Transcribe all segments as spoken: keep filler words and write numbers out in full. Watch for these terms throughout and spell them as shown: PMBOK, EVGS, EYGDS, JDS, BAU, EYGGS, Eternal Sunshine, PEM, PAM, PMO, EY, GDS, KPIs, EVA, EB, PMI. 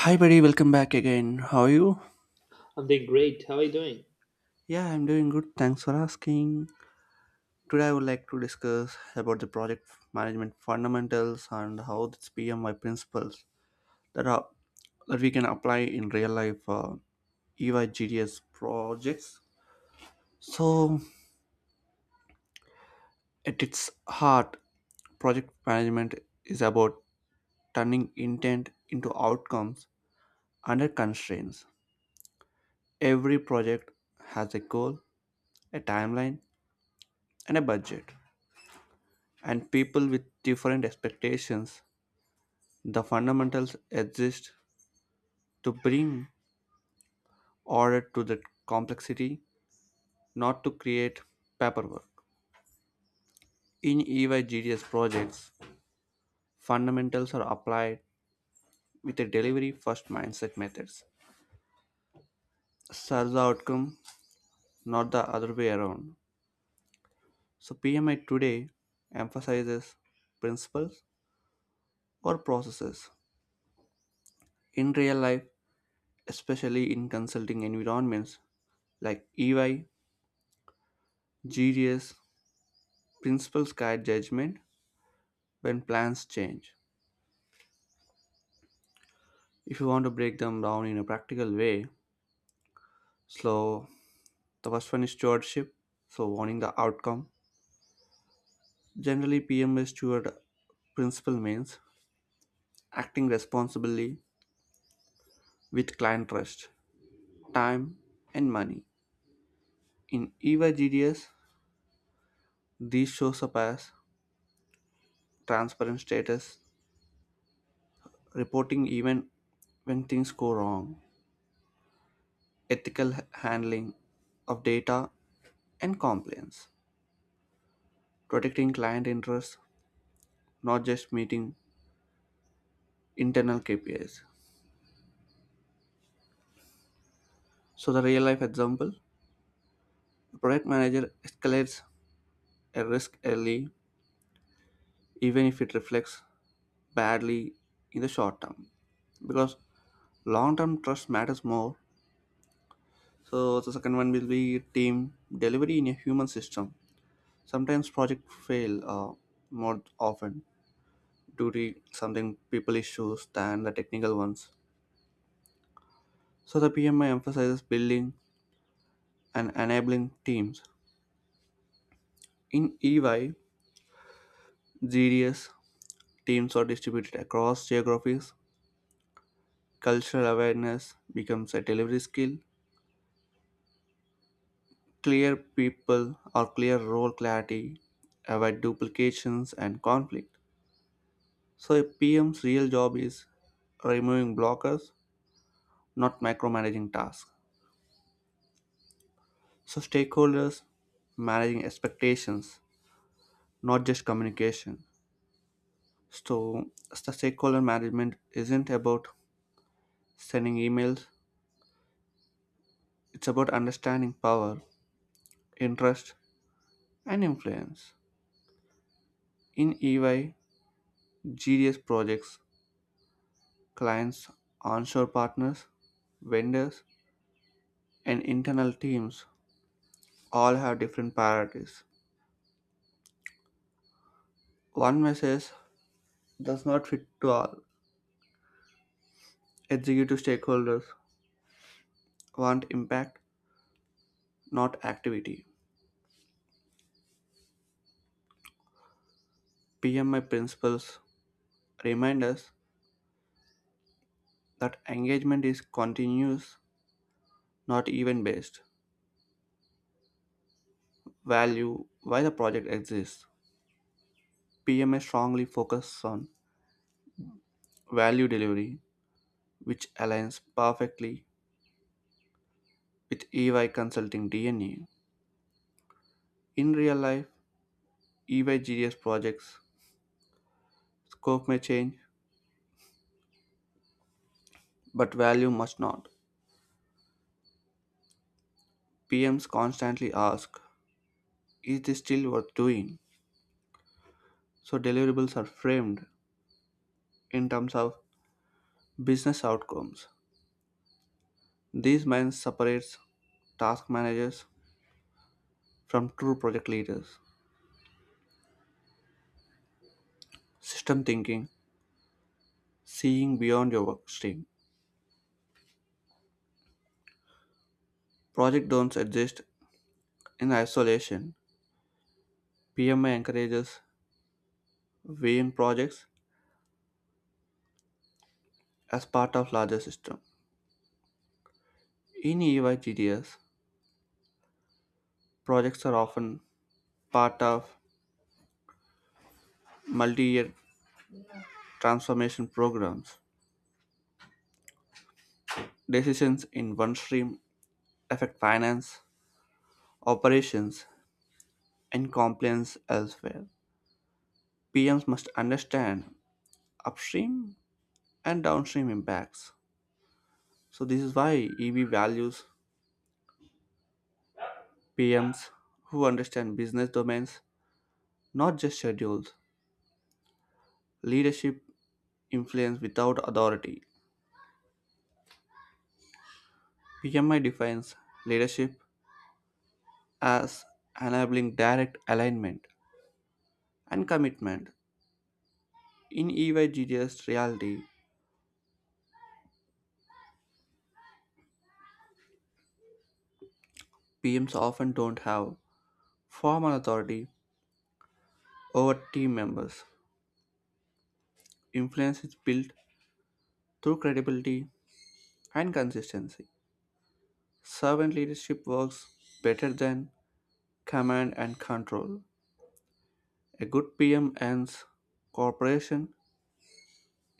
Hi, buddy. Welcome back again. How are you? I'm doing great. How are you doing? Yeah, I'm doing good. Thanks for asking. Today, I would like to discuss about the project management fundamentals and how its P M I principles that are that we can apply in real life uh, E Y G D S projects. So, at its heart, project management is about turning intent into outcomes under constraints. Every project has a goal, a timeline, and a budget, and people with different expectations. The fundamentals exist to bring order to the complexity, not to create paperwork. In E Y G D S projects, fundamentals are applied with a delivery first mindset methods. Serve the outcome, not the other way around. So, P M I today emphasizes principles or processes. In real life, especially in consulting environments like E Y, G D S, principles guide judgment when plans change. If you want to break them down in a practical way, so the first one is stewardship, so warning the outcome. Generally, P M S steward principle means acting responsibly with client trust, time, and money. In E V A these shows up as transparent status, reporting even when things go wrong, ethical h- handling of data, and compliance, protecting client interests, not just meeting internal K P Is. So, the real life example, a product manager escalates a risk early, even if it reflects badly in the short term, because long term trust matters more. So, the second one will be team delivery in a human system. Sometimes projects fail uh, more often due to something people issues than the technical ones. So, the P M I emphasizes building and enabling teams. In E Y, G D S teams are distributed across geographies. Cultural awareness becomes a delivery skill. Clear people or clear role clarity avoid duplications and conflict. So, a P M's real job is removing blockers, not micromanaging tasks. So, stakeholders managing expectations, not just communication. So, the stakeholder management isn't about sending emails, it's about understanding power interest, and influence. In E Y, G D S projects, clients, onshore partners, vendors, and internal teams all have different priorities. One message does not fit to all. Executive stakeholders want impact, not activity. P M I principles remind us that engagement is continuous, not event based. Value why the project exists. P M I strongly focuses on value delivery which aligns perfectly with E Y Consulting DNA. In real life, E Y G D S projects scope may change, but value must not. P Ms constantly ask, is this still worth doing? So deliverables are framed in terms of business outcomes. These minds separates task managers from true project leaders. System thinking, seeing beyond your work stream. Project don't exist in isolation. P M I encourages weighing projects as part of larger system. In E Y G D S, projects are often part of multi-year transformation programs. Decisions in one stream affect finance, operations, and compliance elsewhere. P Ms must understand upstream and downstream impacts. So this is why E B values P Ms who understand business domains, not just schedules. Leadership influence without authority. P M I defines leadership as enabling direct alignment and commitment. In E Y G G S reality, P Ms often don't have formal authority over team members. Influence is built through credibility and consistency. Servant leadership works better than command and control. A good P M earns cooperation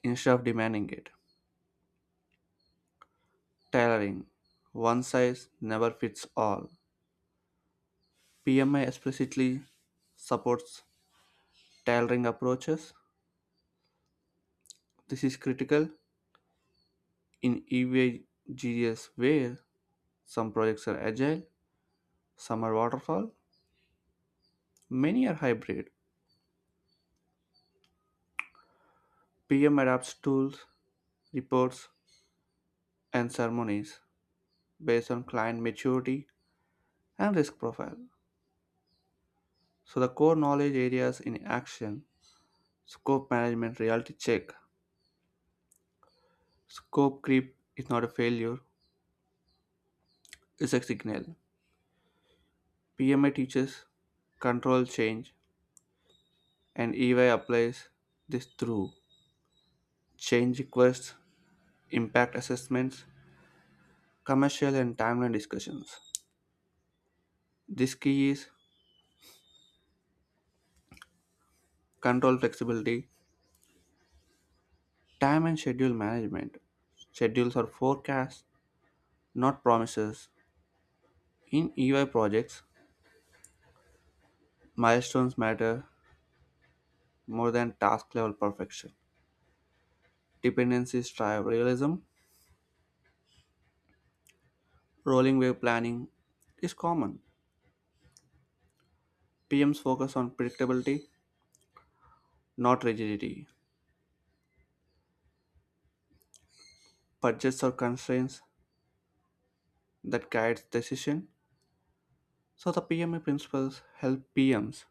instead of demanding it. Tailoring. One size never fits all. P M I explicitly supports tailoring approaches. This is critical in E V G S where some projects are agile, some are waterfall, many are hybrid. P M adapts tools, reports, and ceremonies based on client maturity and risk profile. So the core knowledge areas in action, scope management reality check. Scope creep is not a failure, it's a signal. P M A teaches control change and E Y applies this through change requests impact assessments, commercial and timeline discussions. This key is control flexibility, time and schedule management. Schedules are forecasts, not promises. In E Y projects, milestones matter more than task level perfection. Dependencies drive realism. Rolling wave planning is common. P Ms focus on predictability, not rigidity. Budgets are constraints that guides decision. So the P M A principles help P Ms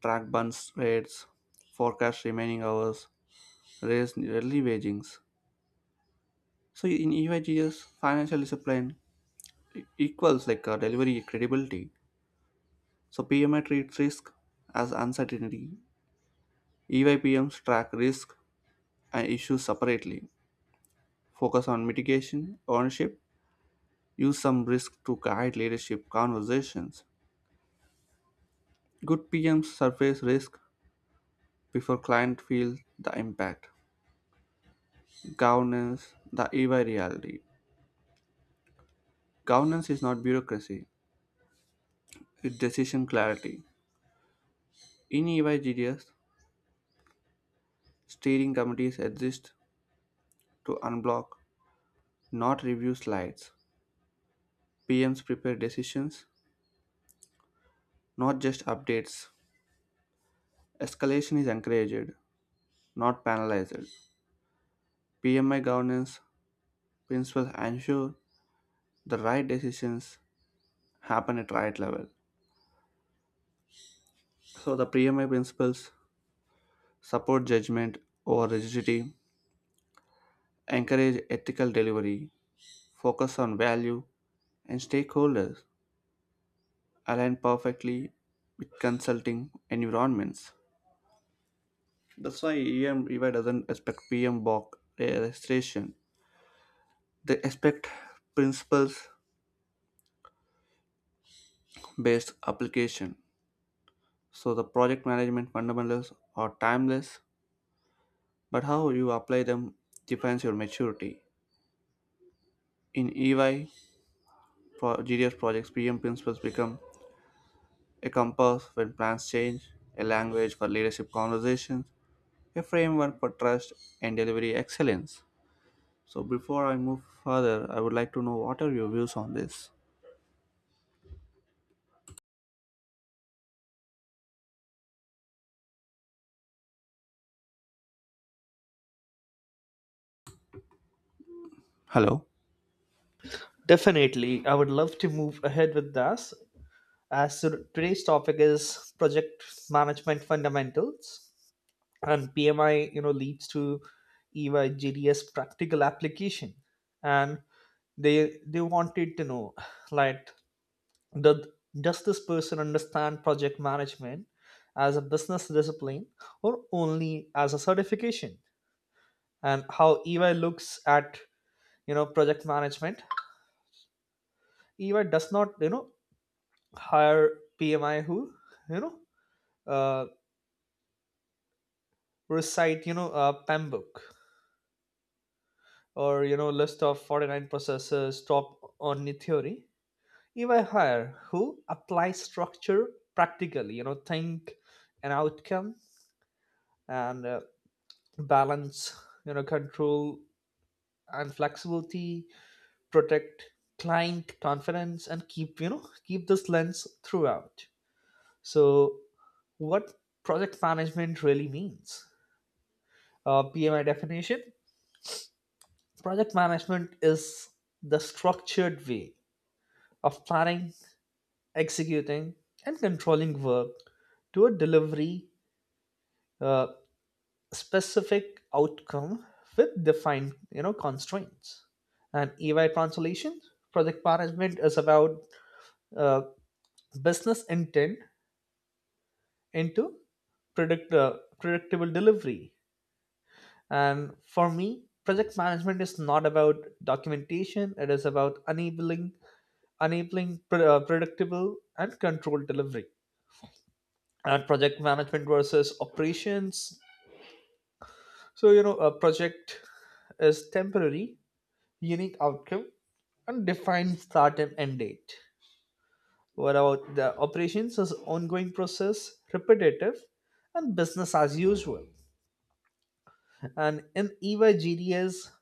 track burns rates, forecast remaining hours, raise early wagings. So in E Y G S, financial discipline e- equals like uh, delivery credibility. So P M I treats risk as uncertainty. E Y P Ms track risk and issues separately. Focus on mitigation, ownership, use some risk to guide leadership conversations. Good P Ms surface risk before client feels the impact. Governance, the E Y reality. Governance is not bureaucracy, with decision clarity. In E Y G D S, steering committees exist to unblock, not review slides. P Ms prepare decisions, not just updates. Escalation is encouraged, not penalized. P M I governance principles ensure the right decisions happen at right level. So the P M I principles support judgment over rigidity, encourage ethical delivery, focus on value and stakeholders, align perfectly with consulting environments. That's why E M E Y doesn't expect P M B O K registration. They expect principles based application. So the project management fundamentals are timeless, but how you apply them defines your maturity. In E Y, pro- G D S projects, P M principles become a compass when plans change, a language for leadership conversations, a framework for trust and delivery excellence. So before I move further, I would like to know what are your views on this? Hello. Definitely, I would love to move ahead with this. As to- today's topic is project management fundamentals, and P M I, you know, leads to E Y G D S practical application, and they they wanted to know like does does this person understand project management as a business discipline or only as a certification, and how E Y looks at you know project management. E Y does not, you know, hire P M I who, you know, uh, recite, you know, a P A M book or, you know, list of forty-nine processes, top only theory. E Y hire who apply structure practically, you know, think an outcome and uh, balance, you know, control and flexibility, protect client confidence and keep, you know, keep this lens throughout. So what project management really means uh, P M I definition. Project management is the structured way of planning, executing, and controlling work toward delivery uh, specific outcome with defined you know constraints. And E Y translation project management is about uh, business intent into predict uh, predictable delivery. And for me, project management is not about documentation; it is about enabling enabling pre- uh, predictable and controlled delivery. And project management versus operations. So, you know, a project is temporary, unique outcome, and defined start and end date. What about the operations is ongoing process, repetitive, and business as usual. And in E Y G D S,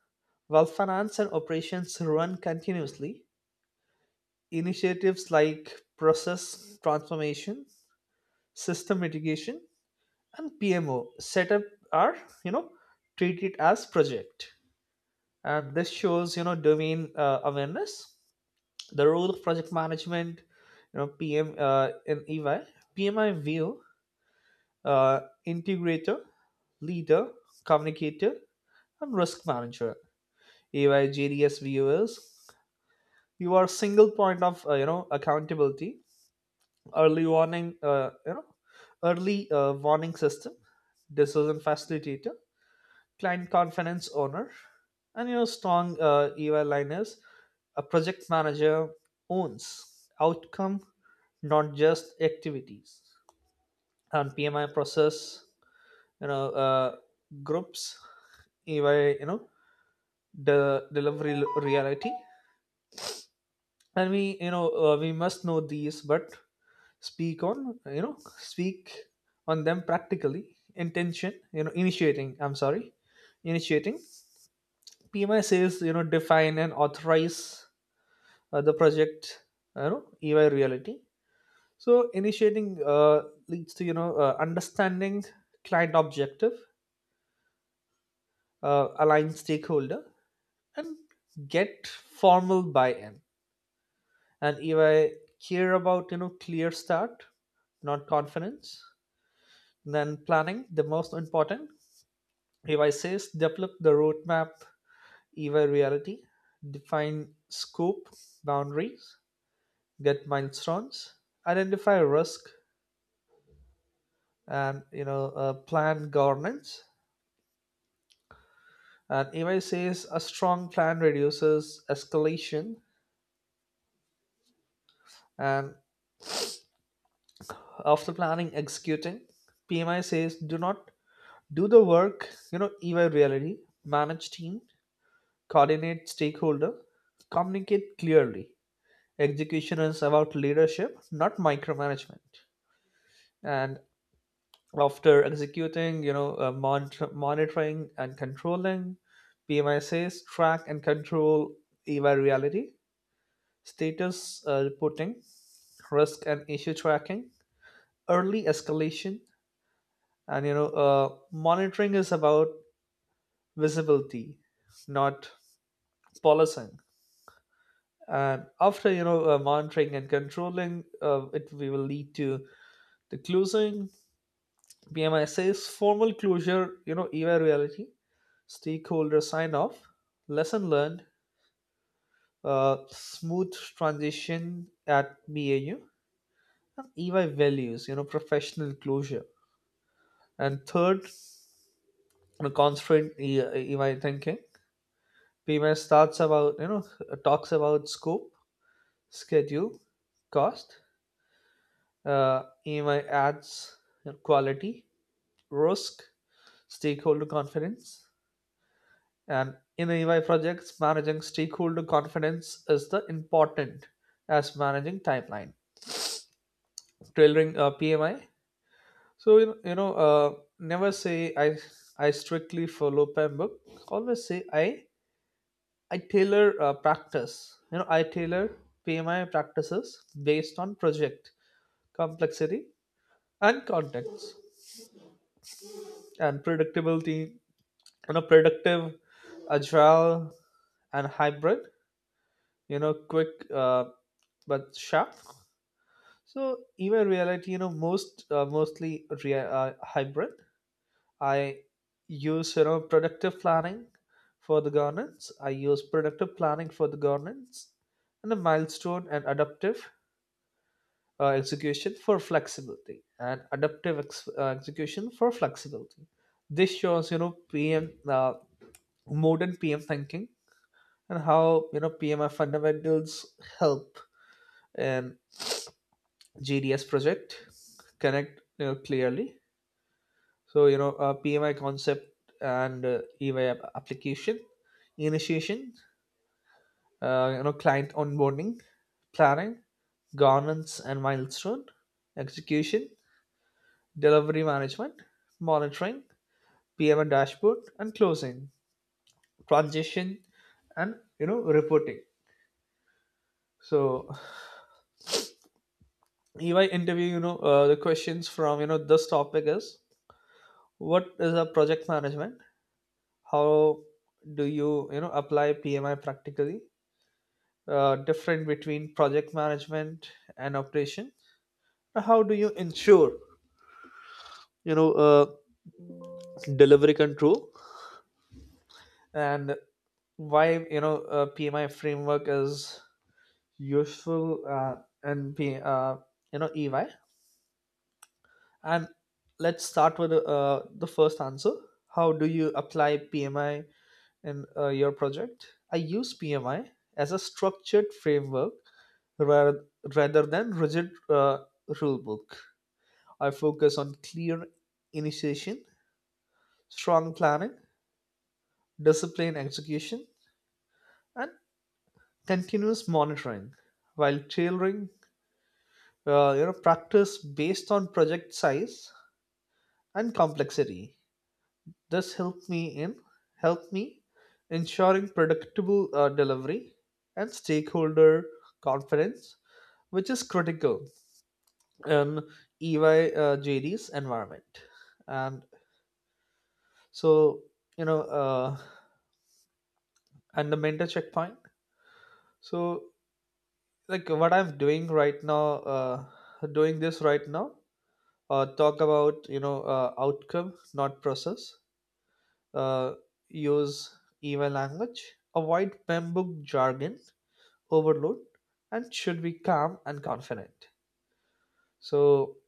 while finance and operations run continuously, initiatives like process transformation, system mitigation, and P M O setup are you know treated as project, and this shows you know domain uh, awareness, the role of project management, you know P M uh, in E Y, P M I view, uh, integrator, leader, communicator, and risk manager. E Y view is you are single point of uh, you know accountability, early warning, uh, you know early uh, warning system, decision facilitator client confidence owner. And your strong uh, E Y line is a project manager owns outcome, not just activities. And P M I process, you know, uh, groups, E Y, you know, the delivery reality. And we, you know, uh, we must know these, but speak on, you know, speak on them practically. Intention, you know, initiating. I'm sorry, initiating P M I says, you know, define and authorize uh, the project, you know, E Y reality. So initiating uh, leads to, you know, uh, understanding client objective, uh, align stakeholder, and get formal buy-in. And E Y care about, you know, clear start, not confidence. Then planning, the most important. E Y says develop the roadmap, E Y reality, define scope, boundaries, get milestones, identify risk, and you know uh, plan governance. And E Y says a strong plan reduces escalation, and after planning, executing. P M I says do not do the work. You know E Y reality, manage team, coordinate stakeholder, communicate clearly. Execution is about leadership, not micromanagement. And after executing, you know, uh, monitor, monitoring and controlling, P M I says track and control E Y reality, status uh, reporting, risk and issue tracking, early escalation, and you know, uh, monitoring is about visibility, not policing. And after you know uh, monitoring and controlling, uh, it we will lead to the closing. P M I says formal closure. You know, E Y reality stakeholder sign off, lesson learned, uh, smooth transition at B A U, and E Y values, you know, professional closure. And third, the constraint E- EY thinking. P M S starts about, you know, talks about scope, schedule, cost. Uh, E Y adds quality, risk, stakeholder confidence. And in E Y projects, managing stakeholder confidence is the important as managing timeline. Tailoring uh, P M I. So you know, you know uh, never say I I strictly follow P E M book. Always say I I tailor uh, practice. You know I tailor P M I practices based on project complexity and context and predictability. You know predictive, agile and hybrid. You know quick uh, but sharp. So even reality, you know most uh, mostly rea- uh, hybrid. I use you know productive planning for the governance. I use productive planning for the governance, and a milestone and adaptive uh, execution for flexibility, and adaptive ex- uh, execution for flexibility. This shows you know P M uh, modern P M thinking and how you know P M I fundamentals help in G D S project connect you know, clearly. So you know, uh, P M I concept and uh, E Y app- application, initiation, uh, you know, client onboarding, planning, governance and milestone, execution, delivery management, monitoring, P M I dashboard, and closing, transition, and you know, reporting. So E Y interview, you know, uh, the questions from you know this topic is what is a project management? How do you you know apply P M I practically? Uh, different between project management and operation, how do you ensure you know uh, delivery control and why you know uh, PMI framework is useful, uh, and P, uh, you know EY. And let's start with uh, the first answer. How do you apply PMI in uh, your project? I use PMI as a structured framework rather, rather than rigid uh, rule book. I focus on clear initiation, strong planning, disciplined execution, and continuous monitoring, while tailoring uh, you know, practice based on project size and complexity. This helped me in help me ensuring predictable uh, delivery and stakeholder confidence, which is critical in E Y uh, J D's environment. And so you know, uh, and the mentor checkpoint. So, like what I'm doing right now, uh, doing this right now, uh, talk about you know uh, outcome, not process. Uh, Use email language, avoid Pembroke jargon, overload, and should be calm and confident. So,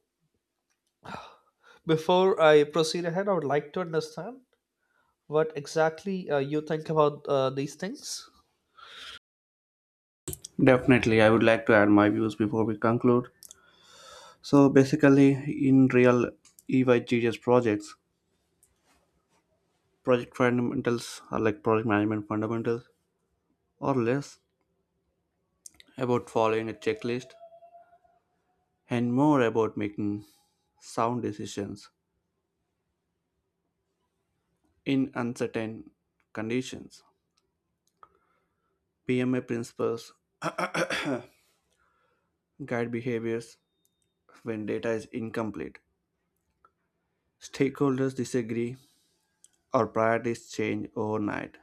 before I proceed ahead, I would like to understand what exactly uh, you think about uh, these things. Definitely, I would like to add my views before we conclude. So basically, in real E Y G S projects, project fundamentals are like project management fundamentals, or less about following a checklist and more about making sound decisions in uncertain conditions. P M A principles guide behaviors when data is incomplete. Stakeholders disagree. Our priorities change overnight.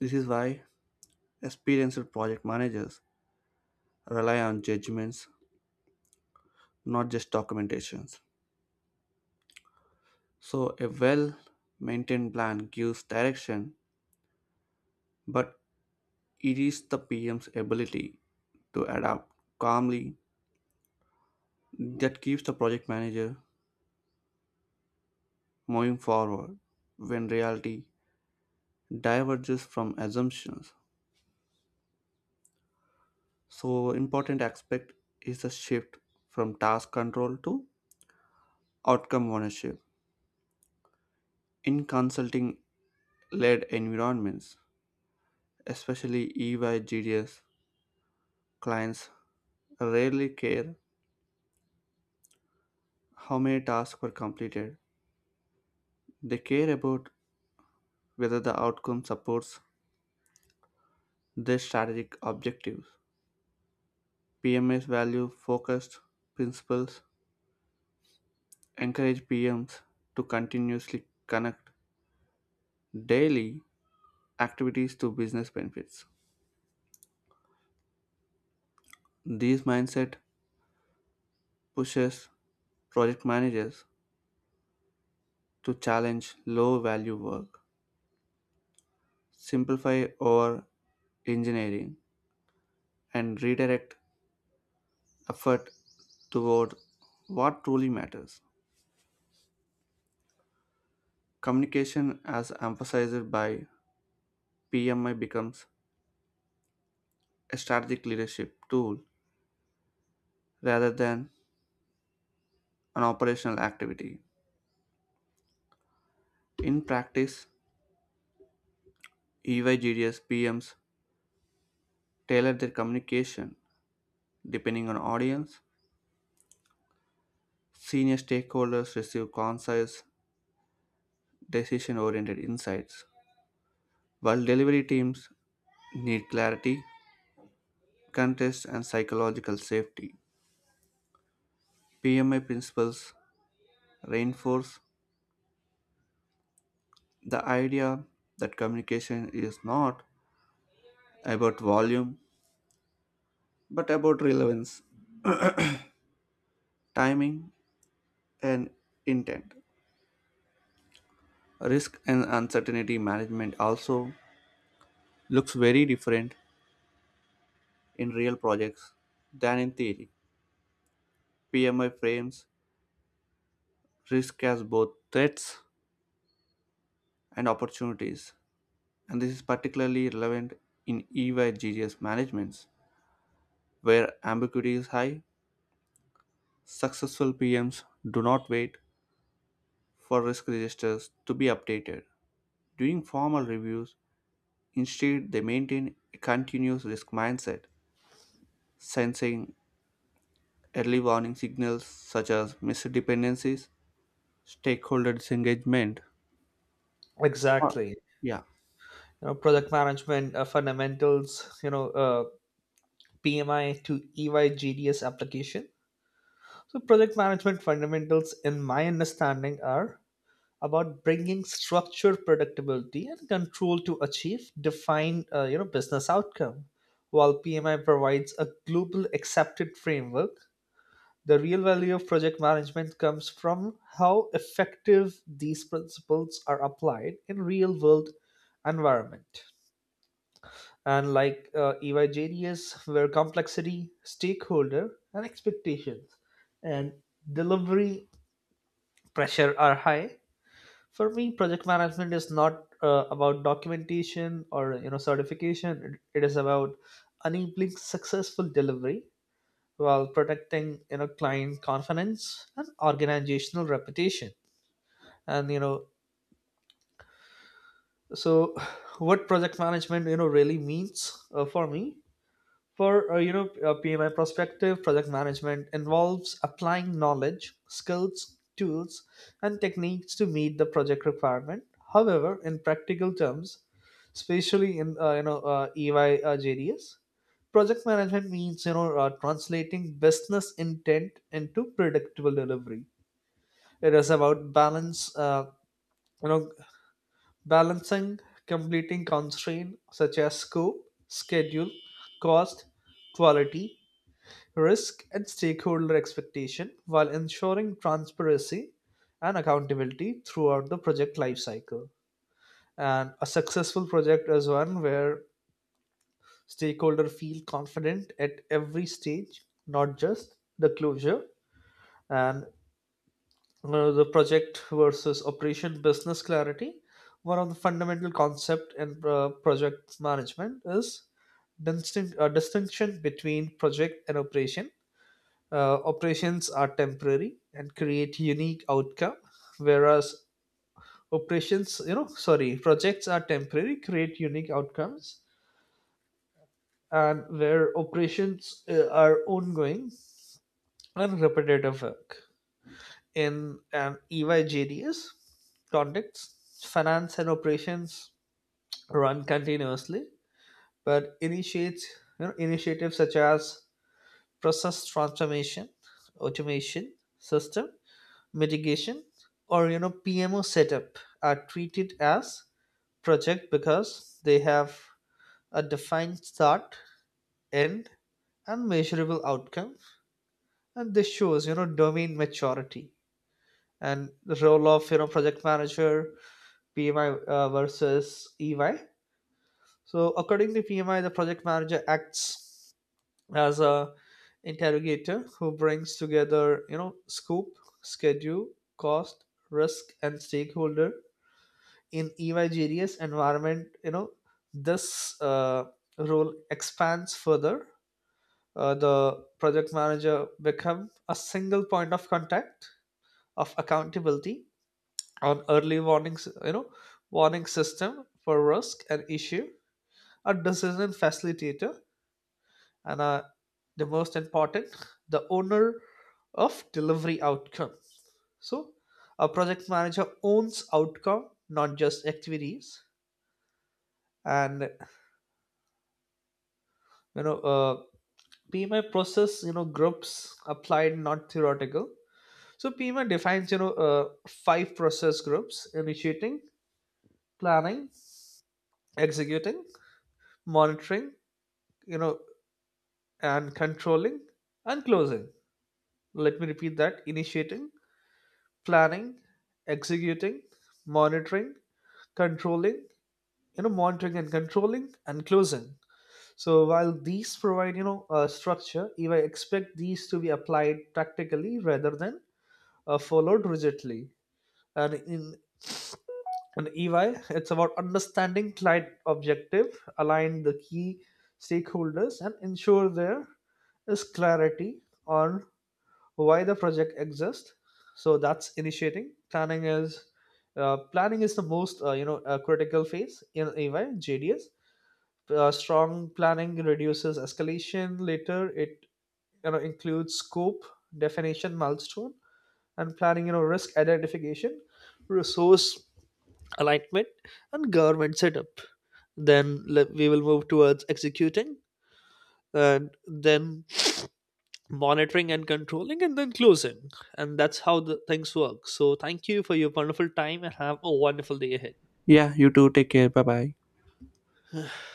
This is why experienced project managers rely on judgments, not just documentations. So, a well maintained plan gives direction, but it is the P M's ability to adapt calmly that keeps the project manager moving forward when reality diverges from assumptions. So, important aspect is the shift from task control to outcome ownership. In consulting led environments, especially E Y/G D S, clients rarely care how many tasks were completed. They care about whether the outcome supports their strategic objectives. P M S value focused principles encourage P Ms to continuously connect daily activities to business benefits. This mindset pushes project managers to challenge low value work, simplify over engineering, and redirect effort toward what truly matters. Communication, as emphasized by P M I, becomes a strategic leadership tool rather than an operational activity. In practice, E Y G D S P Ms tailor their communication depending on audience. Senior stakeholders receive concise, decision oriented insights, while delivery teams need clarity contest and psychological safety. P M I principles reinforce the idea that communication is not about volume but about relevance, timing, and intent. Risk and uncertainty management also looks very different in real projects than in theory. P M I frames risk as both threats and opportunities, and this is particularly relevant in E Y G G S managements where ambiguity is high. Successful P Ms do not wait for risk registers to be updated during formal reviews. Instead, they maintain a continuous risk mindset, sensing early warning signals such as missed dependencies, stakeholder disengagement. Uh, Exactly, you Yeah. know, product management uh, fundamentals. You know, uh, P M I to E Y G D S application. So, project management fundamentals, in my understanding, are about bringing structure, predictability, and control to achieve defined, uh, you know, business outcome. While P M I provides a global accepted framework, the real value of project management comes from how effective these principles are applied in real world environment and like uh, E Y where complexity, stakeholder, and expectations and delivery pressure are high. For me, project management is not uh, about documentation or you know certification. It, it is about enabling successful delivery while protecting you know client confidence and organizational reputation. And you know, so what project management you know really means uh, for me. For uh, you know uh, P M I perspective, project management involves applying knowledge, skills, tools, and techniques to meet the project requirement. However, in practical terms, especially in uh, you know uh, E Y uh, J D S, project management means you know uh, translating business intent into predictable delivery. It is about balance, uh, you know, balancing completing constraint such as scope, schedule, cost, quality, risk and stakeholder expectation while ensuring transparency and accountability throughout the project lifecycle. And a successful project is one where stakeholders feel confident at every stage, not just the closure. And uh, the project versus operation business clarity. One of the fundamental concept in uh, project management is distinct, uh, distinction between project and operation. Uh, operations are temporary and create unique outcome, whereas operations you know sorry projects are temporary create unique outcomes and where operations uh, are ongoing and repetitive work in an E Y J D S context. Finance and operations run continuously, but initiates you know, initiatives such as process transformation automation system mitigation or you know P M O setup are treated as project because they have a defined start, end, and measurable outcome, and this shows you know domain maturity and the role of you know project manager P M I uh, versus E Y. So according to P M I, the project manager acts as a interrogator who brings together you know scope, schedule, cost, risk, and stakeholder in evigerous environment. You know this uh, Role expands further. Uh, the project manager become a single point of contact of accountability on early warnings, you know warning system for risk and issue, a decision facilitator and a, the most important the owner of delivery outcome. So a project manager owns outcome not just activities. And you know uh, P M I process, you know, groups applied, not theoretical. So P M I defines, you know, uh, five process groups: initiating, planning, executing, monitoring, you know, and controlling, and closing. Let me repeat that: initiating, planning, executing, monitoring, controlling, you know, monitoring and controlling, and closing. So while these provide, you know, a structure, if I expect these to be applied practically rather than uh, followed rigidly. And in an E Y, it's about understanding client objective, align the key stakeholders, and ensure there is clarity on why the project exists. So that's initiating. Planning is uh, planning is the most uh, you know uh, critical phase in E Y J D S. Uh, strong planning reduces escalation. Later, it you know includes scope, definition, milestone, and planning. You know risk identification, resource alignment and government setup. Then le- we will move towards executing and then monitoring and controlling and then closing. And that's how the things work. So thank you for your wonderful time and have a wonderful day ahead. Yeah, you too. Take care. Bye bye.